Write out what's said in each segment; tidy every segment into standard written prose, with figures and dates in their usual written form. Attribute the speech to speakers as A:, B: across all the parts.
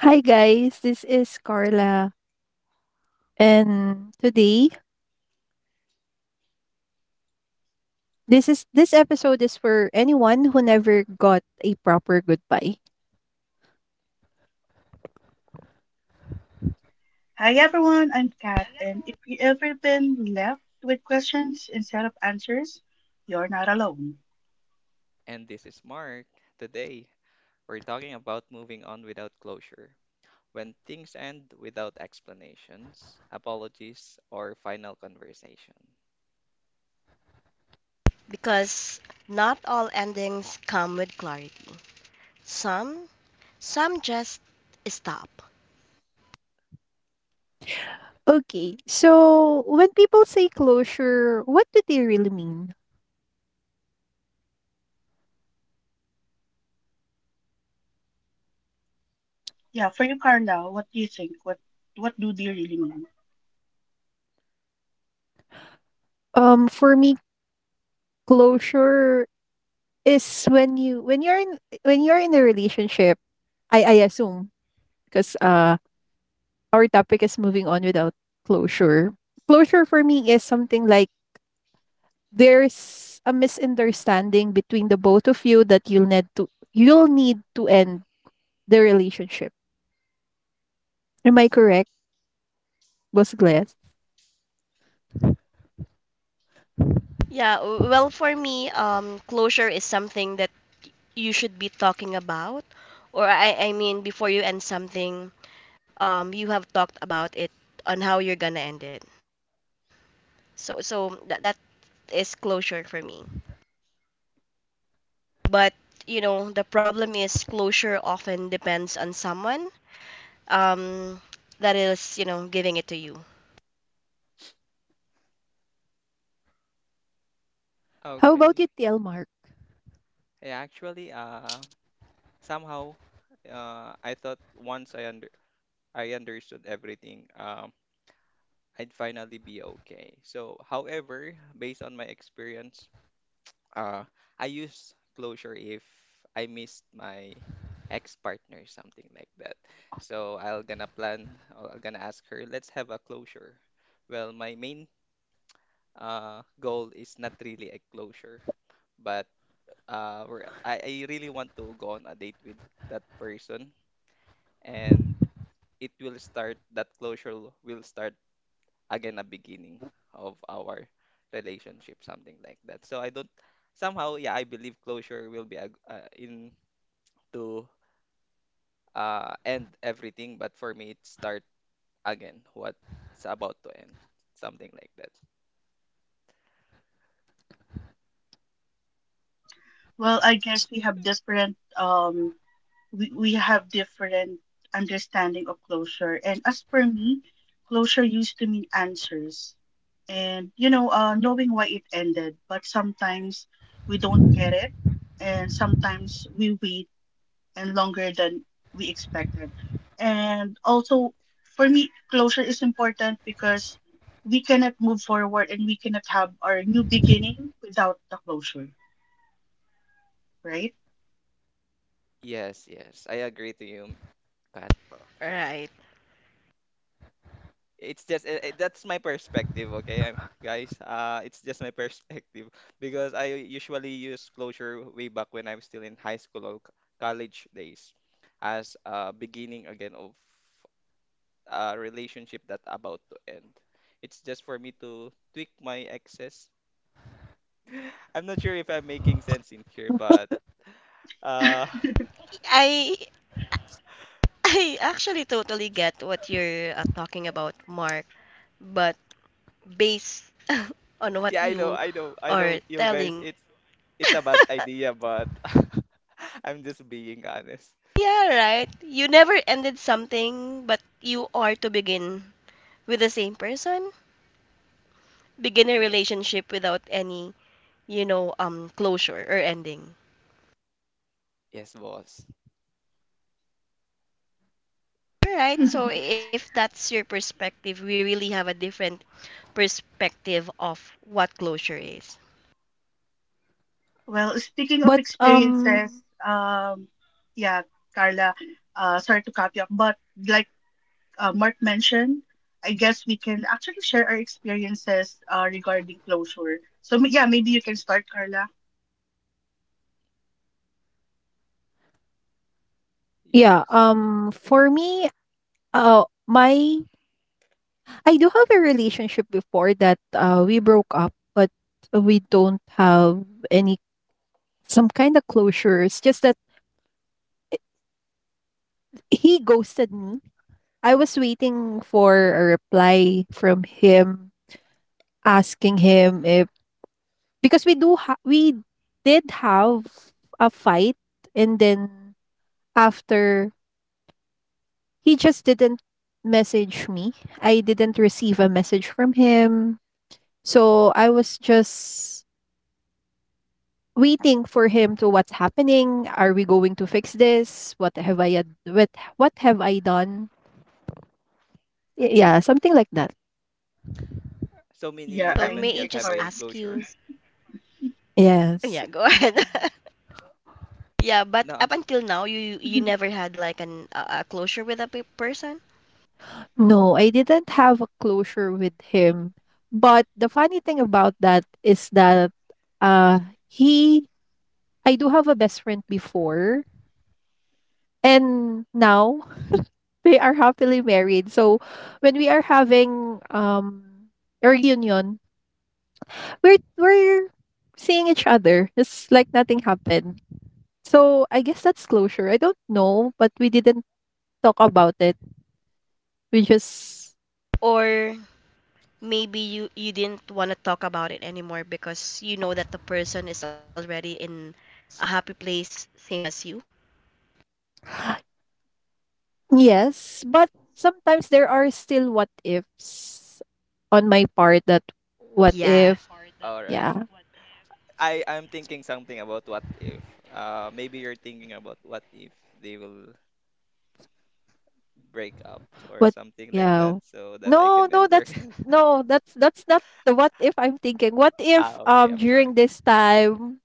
A: Hi guys, this is Carla and today this episode is for anyone who never got a proper goodbye.
B: And this is Mark. Today, we're talking about moving on without closure. When things end without explanations, apologies, or final conversation.
A: Okay, so when people say closure, what do they really mean? For me, closure is when you're in a relationship, I assume because our topic is moving on without closure. Closure for me is something like there's a misunderstanding between the both of you that you'll need to end the relationship. Am I correct, Boss Glass? How about
B: Okay.
A: you, TL Mark?
B: I actually, somehow, I thought once I understood everything, I'd finally be okay. So, however, based on my experience, uh, I use closure if I missed my ex-partner, something like that. So I'll gonna plan, or I'm gonna ask her, let's have a closure. Well, my main goal is not really a closure, but I really want to go on a date with that person, and it will start, that closure will start again a beginning of our relationship, something like that. So I don't somehow, yeah, I believe closure will be a, in to end everything, but for me, it start again what's about to end, something like that. Yes, yes, I agree to you, Kat. It's just that's my perspective. Okay, guys, it's just my perspective. Because I usually use closure way back when I'm still in high school or college days as a beginning again of a relationship that about to end. It's just for me to tweak my excess. I'm not sure if I'm making sense in here, but uh yeah, I know I know, you guys. It's a bad idea, but I'm just being honest. Yes. Yes, boss.
A: Yeah,
B: Yes.
A: for me, my I do have a relationship before that we broke up, but we don't have any some kind of closure. It's just that he ghosted me. I was waiting for a reply from him asking him if because we did have a fight, and then after, he just didn't message me. I didn't receive a message from him. So I was just waiting for him to, what's happening? Are we going to fix this? What have I done? Yeah, something like that.
B: So meaning you haven't yet have a closure?
A: Yes.
B: No, I'm s-
A: No, I didn't have a closure with him. But the funny thing about that is that uh he I do have a best friend before, and now they are happily married. So when we are having a reunion, we're seeing each other. It's like nothing happened. So I guess that's closure. I don't know, but we didn't talk about it. We just, yes, but sometimes there are still what ifs on my part, that what if.
B: All right.
A: Yeah
B: I'm thinking something about what if. Maybe you're thinking about what if they will break up or
A: what
B: something like that,
A: yeah
B: so that I
A: No,
B: can
A: no,
B: enter.
A: that's, no, that's not the what if I'm thinking.
B: Ah, okay. I'm sorry.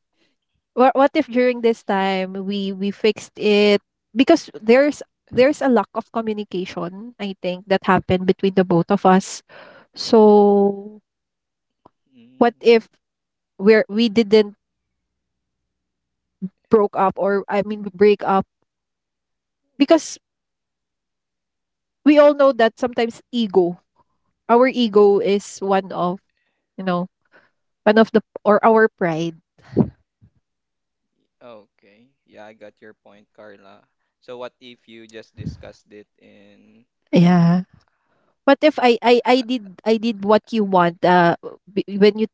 A: What if during this time we fixed it, because there's a lack of communication, I think, that happened between the both of us. So what
B: Mm,
A: if we're, we didn't broke up, or I mean break up, because we all know that sometimes ego, our ego is one of, you know, one of the, or our pride.
B: okay. Yeah, I got your point, Carla. So what if you just discussed it in
A: Yeah. What if I did what you want, when you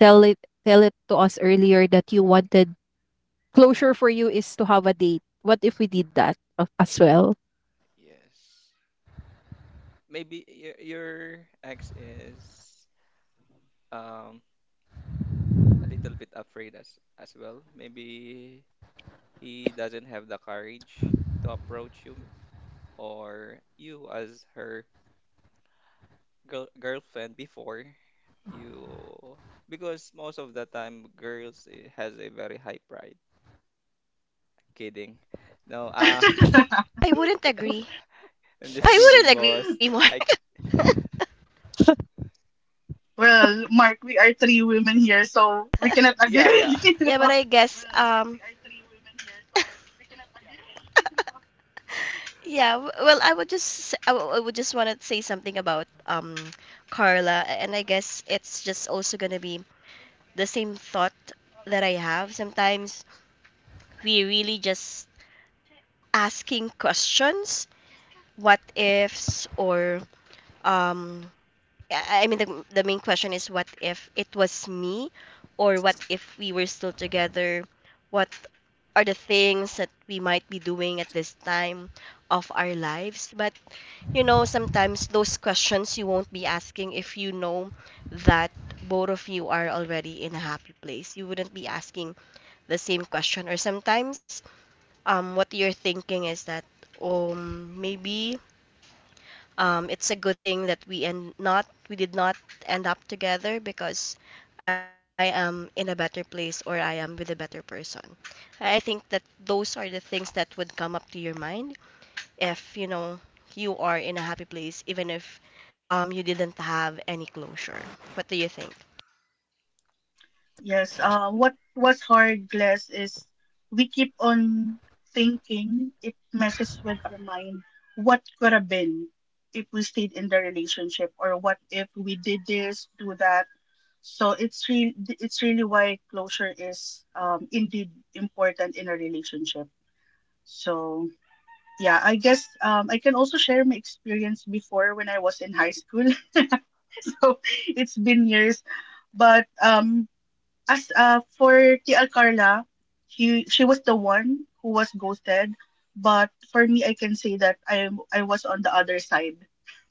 A: tell it tell it to us earlier that you wanted, closure for you is to have a date. What if we did that as well?
B: yes. Maybe your ex is um a little bit afraid as well. Maybe he doesn't have the courage to approach you, or you as her girlfriend before, you, because most of the time girls has a very high pride. Kidding. No, ah, I'm just kidding, boss. I yeah, yeah.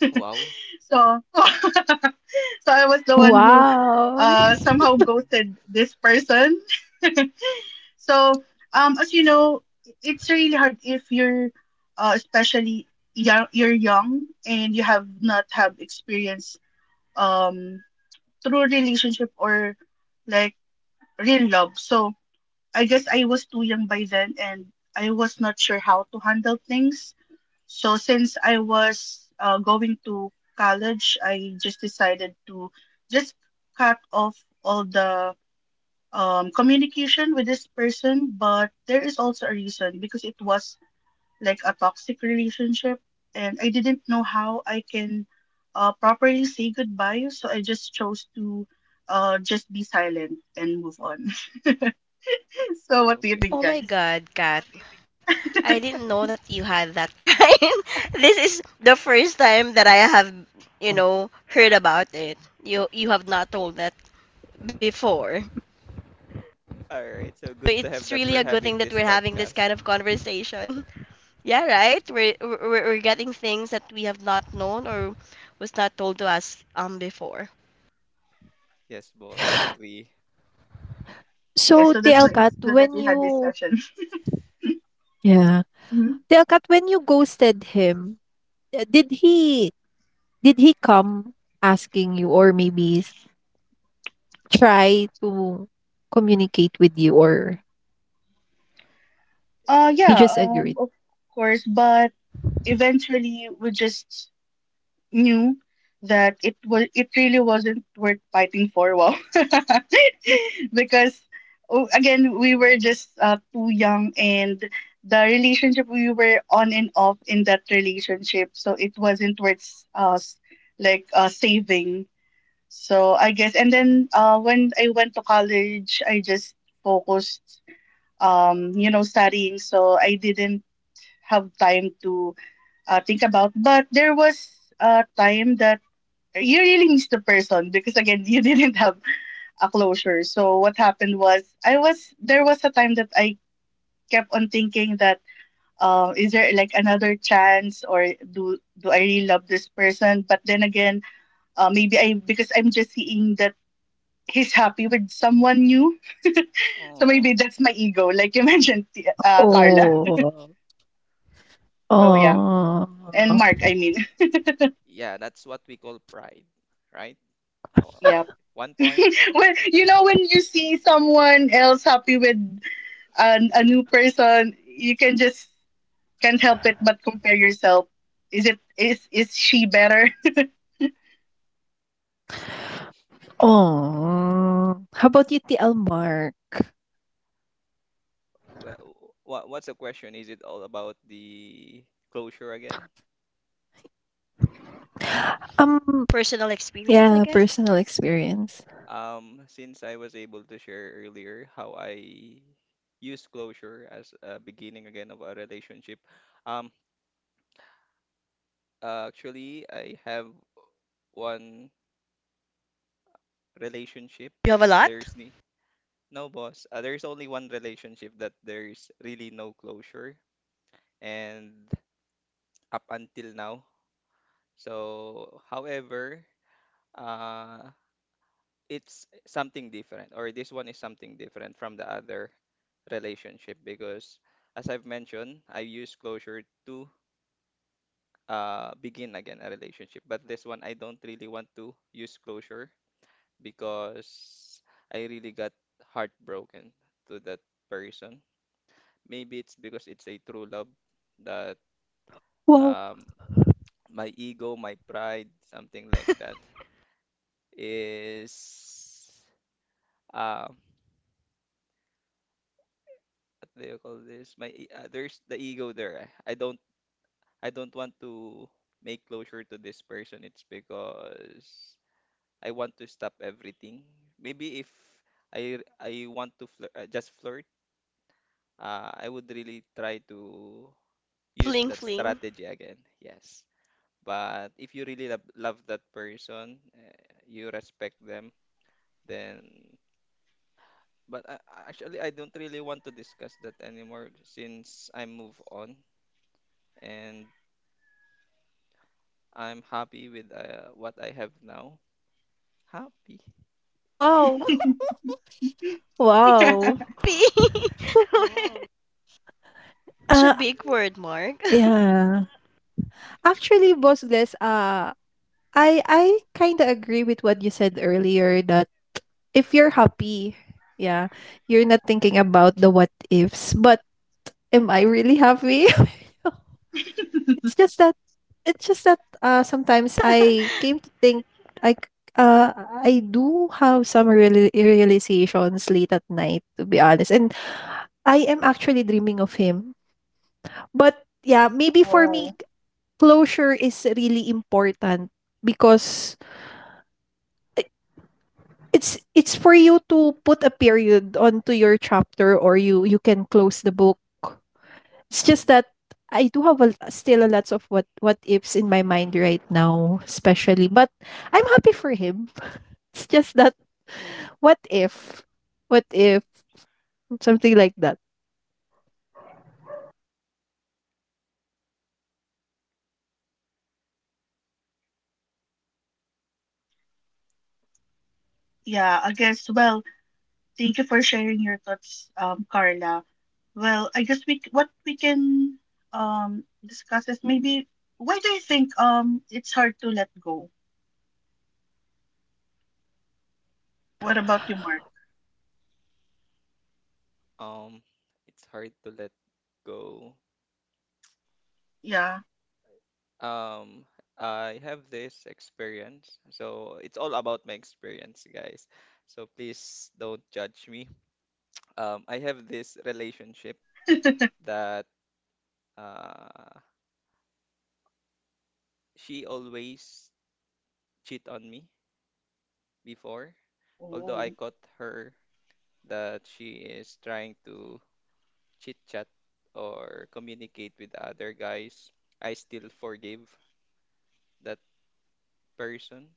B: Wow.
A: Wow.
B: Okay. All right. So good to have that we're having this podcast. Yes, boss. Agree.
A: So, TL Kat, when you, yeah, TL Kat, when you ghosted him, uh, did he did he come asking you, or maybe try to communicate with you, or he
B: Yes.
A: just agreed?
B: Oh.
A: Oh. Oh.
B: Yeah, that's what we call pride, right? Uh, one point.
A: Oh. How about you, TL Mark?
B: What's the question? Is it all about the closure again?
A: Um, yeah, personal experience.
B: Since I was able to share earlier how I use closure as a beginning again of a relationship. Um, Actually, I have one relationship that there's ni no, boss. There's only one relationship that there's really no closure, and up until now. So, however, uh, it's something different, or this one is something different from the other relationship because, as I've mentioned, I use closure to begin again a relationship. But this one, I don't really want to use closure because I really got heartbroken to that person. Maybe it's because it's a true love that
A: Wow.
B: um, my ego, my pride, something like that is what do you call this? There's the ego there. Eh. I don't want to make closure to this person. It's because I want to stop everything. Maybe if I want to flirt, just flirt, I would really try to use that strategy again. Yes. But if you really love, love that person, you respect them, then actually I don't really want to discuss that anymore since I move on. And I'm happy with what I have now. Happy.
A: Wow! Wow! Uh, yeah. Actually, Boss Gles, I kind of agree with what you said earlier that if you're happy, yeah, you're not thinking about the what ifs. But am I really happy? It's just that, sometimes I came to think, like, uh I do have some realizations late at night, to be honest, and I am actually dreaming of him. But yeah, maybe for me, closure is really important because, i- it's for you to put a period onto your chapter, or you can close the book. It's just
B: Hmm.
A: that I do have a, still a lots of what ifs in my mind right now, especially. But I'm happy for him. It's just that, what if, what if, something like that.
B: Um, it's hard to let go. Um, I have this experience, so it's all about my experience, guys. So please don't judge me. I have this relationship that uh, she always cheat on me before. Although I caught her that she is trying to chit chat or communicate with other guys, I still forgive that person.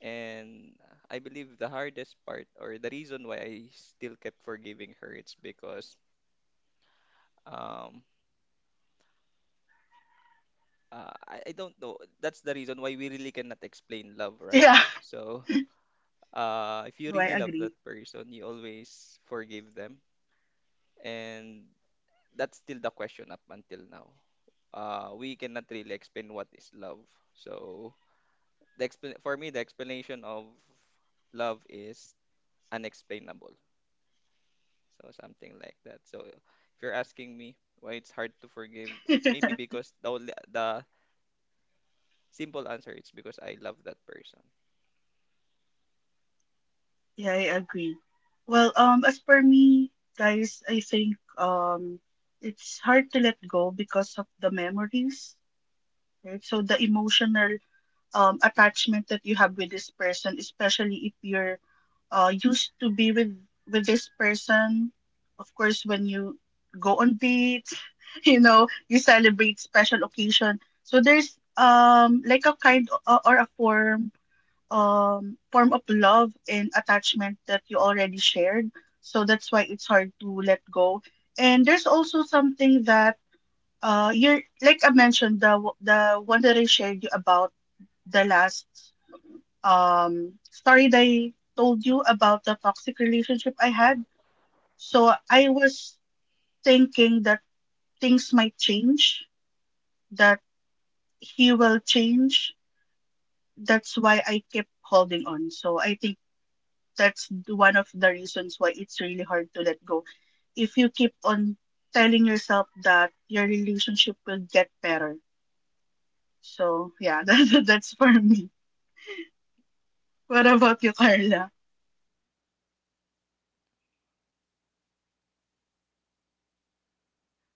B: And I believe the hardest part or the reason why I still kept forgiving her, it's because um I don't know. That's the reason why we really cannot explain love, right? So if you really love that person, you always forgive them. And that's still the question up until now. We cannot really explain what is love. So for me the explanation of love is unexplainable, so something like that. So if you're asking me why it's hard to forgive, maybe because the simple answer is because I love that person.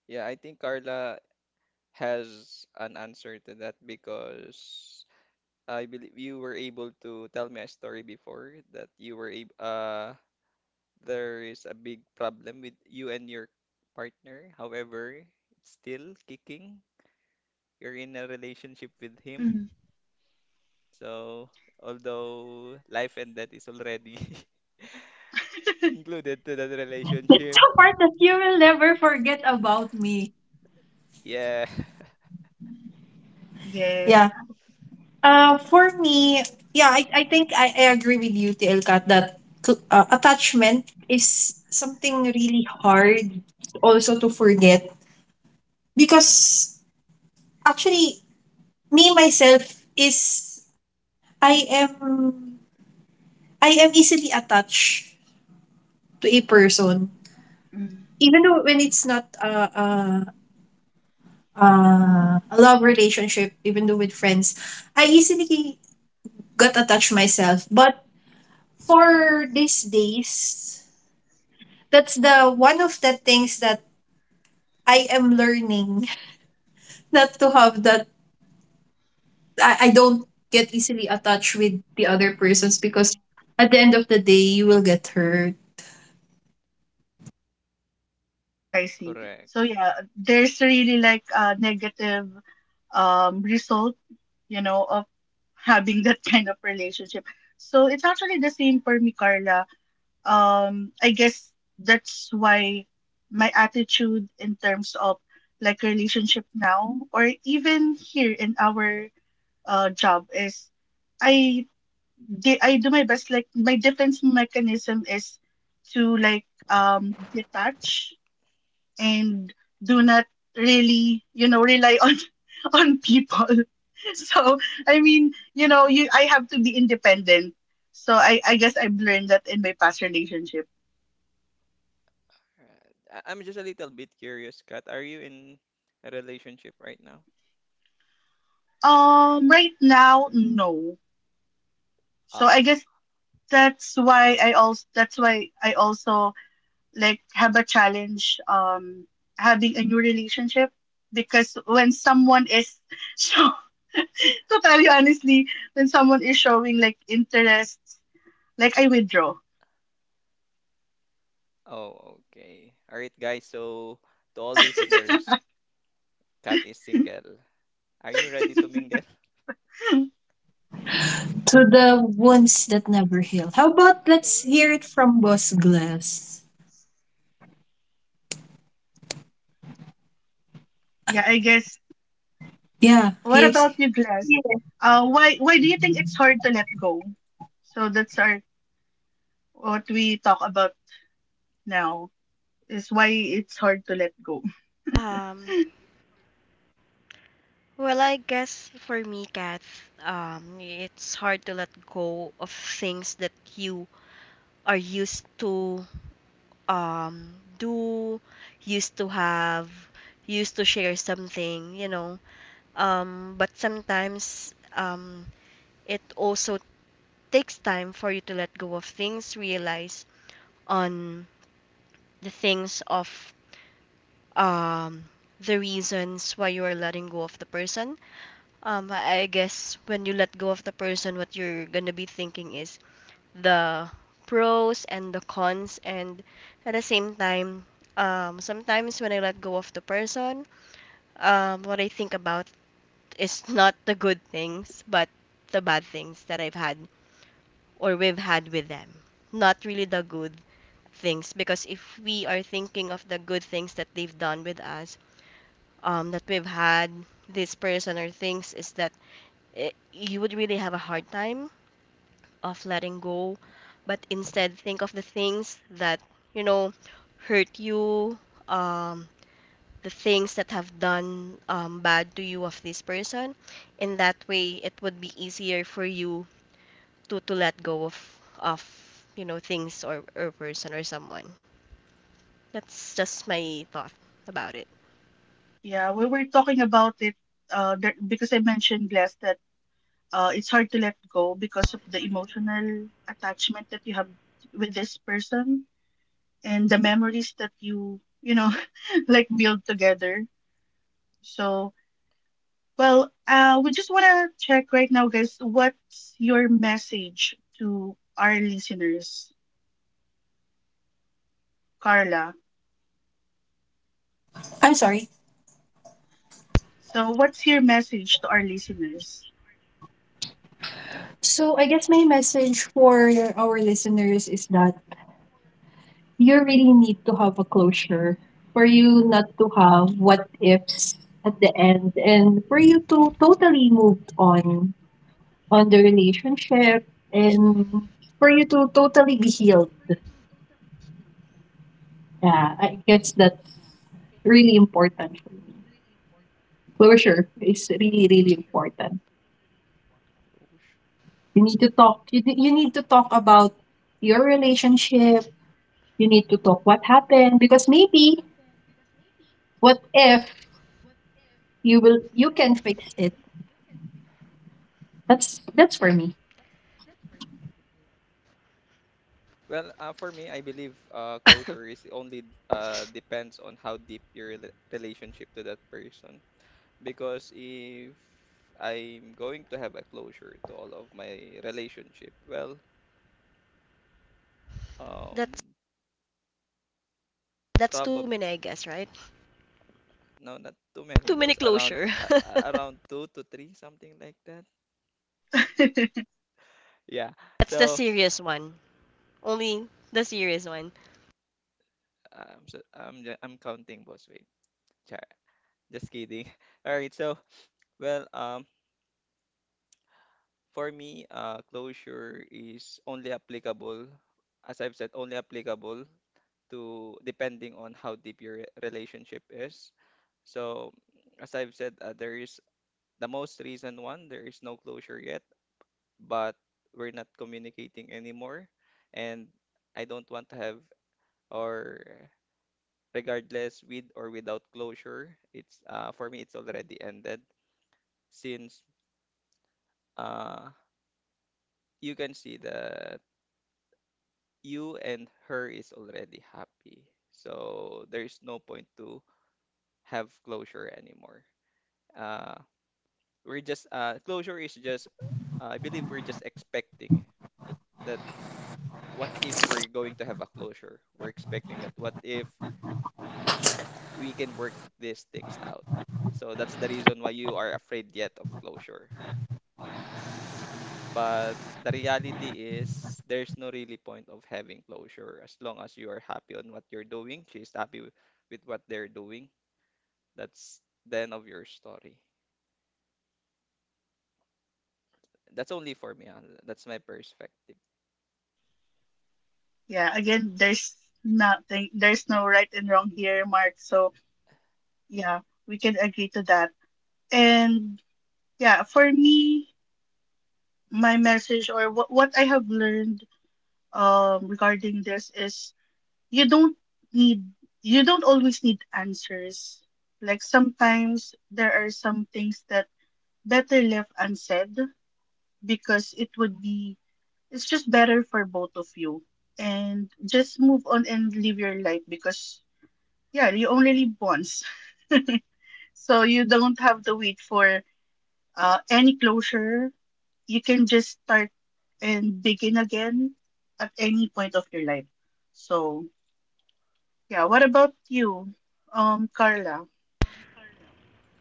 B: Yeah, I think Carla has an answer to that, because I believe you were able to tell me a story before that you were able. Uh, there is a big problem with you and your partner, however it's still kicking, you're in a relationship with him. So, although life and death is already included to that relationship,
A: So far that you will never forget about me.
B: yeah,
A: Yeah. For me, yeah, I think I agree with you, T L Kat, that attachment is something really hard also to forget, because actually, me myself is, I am, I am easily attached to a person, even though when it's not a love relationship, even though with friends, I easily got attached myself. But for these days, that's the one of the things that I am learning not to have that. I don't get easily attached with the other persons, because at the end of the day, you will get hurt.
B: correct. Right. I'm just a little bit curious, Kat. Are you in a relationship right now? Oh, oh, okay. All right, guys. So, to all listeners, Kat is single. Are you ready to mingle?
A: To the wounds that never heal. How about let's hear it from Boss Glass? Yeah, here's,
C: Um, well, I guess for me, Kath, it's hard to let go of things that you are used to do, used to have, used to share something. But sometimes it also takes time for you to let go of things, realize on the things of um, the reasons why you are letting go of the person. I guess when you let go of the person, what you're gonna be thinking is the pros and the cons, and at the same time, sometimes when I let go of the person, what I think about is not the good things, but the bad things that I've had or we've had with them. Not really the good things, because if we are thinking of the good things that they've done with us, that we've had this person or things, is that it, you would really have a hard time of letting go, but instead think of the things that, you know, hurt you, um, the things that have done bad to you of this person. In that way, it would be easier for you to let go of, you know, things or person or someone. That's just my thought about it.
A: I'm sorry. So I guess my message for our listeners is that you really need to have a closure, for you not to have what ifs at the end, and for you to totally move on the relationship, and for you to totally be healed. Yeah, I guess that's really important. For me, closure is really, really important.
B: Closure.
A: You need to talk, you need to talk about your relationship. You need to talk what happened, because maybe, what if, you can fix it. That's for me.
B: Well, for me, I believe closure is only depends on how deep your relationship to that person. Because if I'm going to have a closure to all of my relationship, well,
C: That's
B: um,
C: that's too
B: probably
C: many, I guess, right?
B: no, not too many,
C: Too many
B: boss. Around
C: closure.
B: around 2 to 3, something like that. Yeah.
C: That's the
B: So
C: serious one. Only the serious one.
B: I'm counting, boss. Wait, Char- just kidding. All right. So well. For me, closure is only applicable, as I've said, only applicable to depending on how deep your relationship is. So, as I've said, there is the most recent one, there is no closure yet, but we're not communicating anymore. And I don't want to have, or regardless with or without closure, it's for me, it's already ended since uh, you can see the you and her is already happy. So there's no point to have closure anymore. Uh, we're just closure is just I believe we're just expecting that what if we're going to have a closure? We're expecting that what if we can work these things out? So that's the reason why you are afraid yet of closure. But the reality is there's no really point of having closure as long as you are happy on what you're doing, she's happy with what they're doing. That's the end of your story. That's only for me. Ah. That's my perspective.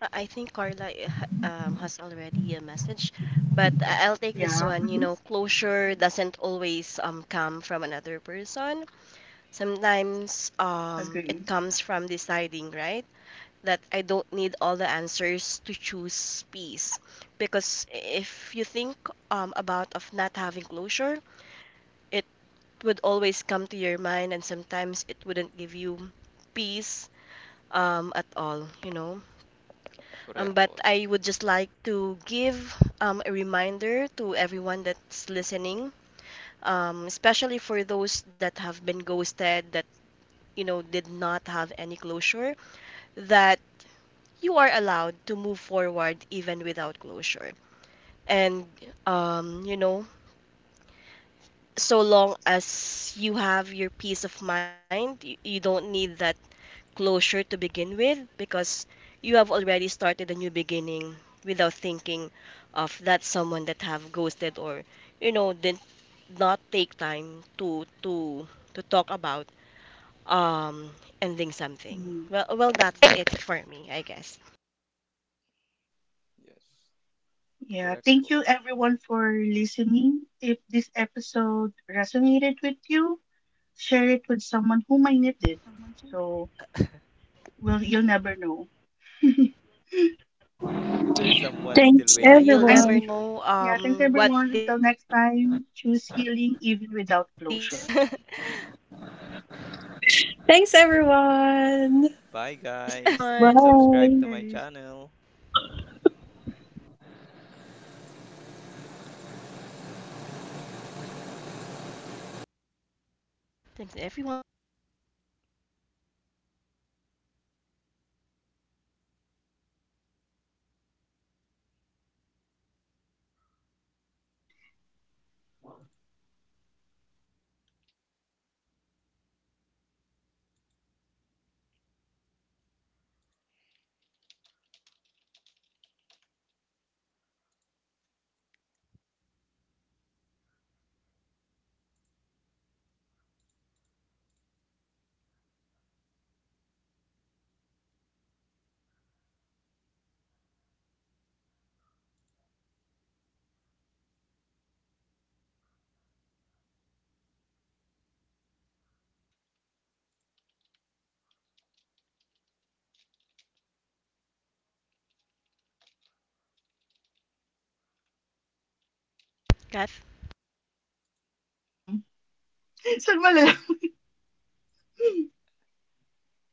C: I think Carla has already a message, but I'll take this one. You know, closure doesn't always come from another person. Sometimes it comes from deciding, right? That I don't need all the answers to choose peace. Because if you think about of not having closure, it would always come to your mind, and sometimes it wouldn't give you peace at all, you know?
B: Correct,
C: But
B: boss.
C: I would just like to give a reminder to everyone that's listening, especially for those that have been ghosted, that you know did not have any closure, that you are allowed to move forward even without closure. And you know, so long as you have your peace of mind, you don't need that closure to begin with because you have already started a new beginning without thinking of that someone that have ghosted or you know did not take time to talk about um ending something. Well, that's it for me, I guess.
B: Yes. Correct, boss. There's
C: Yeah, you'll
B: someone still
C: never
A: Thanks,
B: waiting for
C: know
B: a
A: everyone.
B: closure.
C: what these
A: Thanks, everyone.
C: thanks
B: Bye,
C: everyone.
B: guys.
A: Bye.
B: Subscribe to my channel.
C: Kat,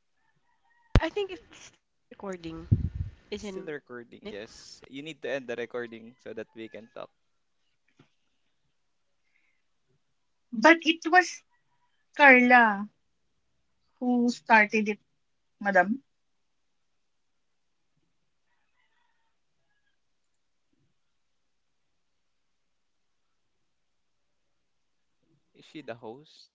C: I think it's still recording, isn't it?
B: It's still recording, yes. You need to end the recording so that we can talk. Is she the host?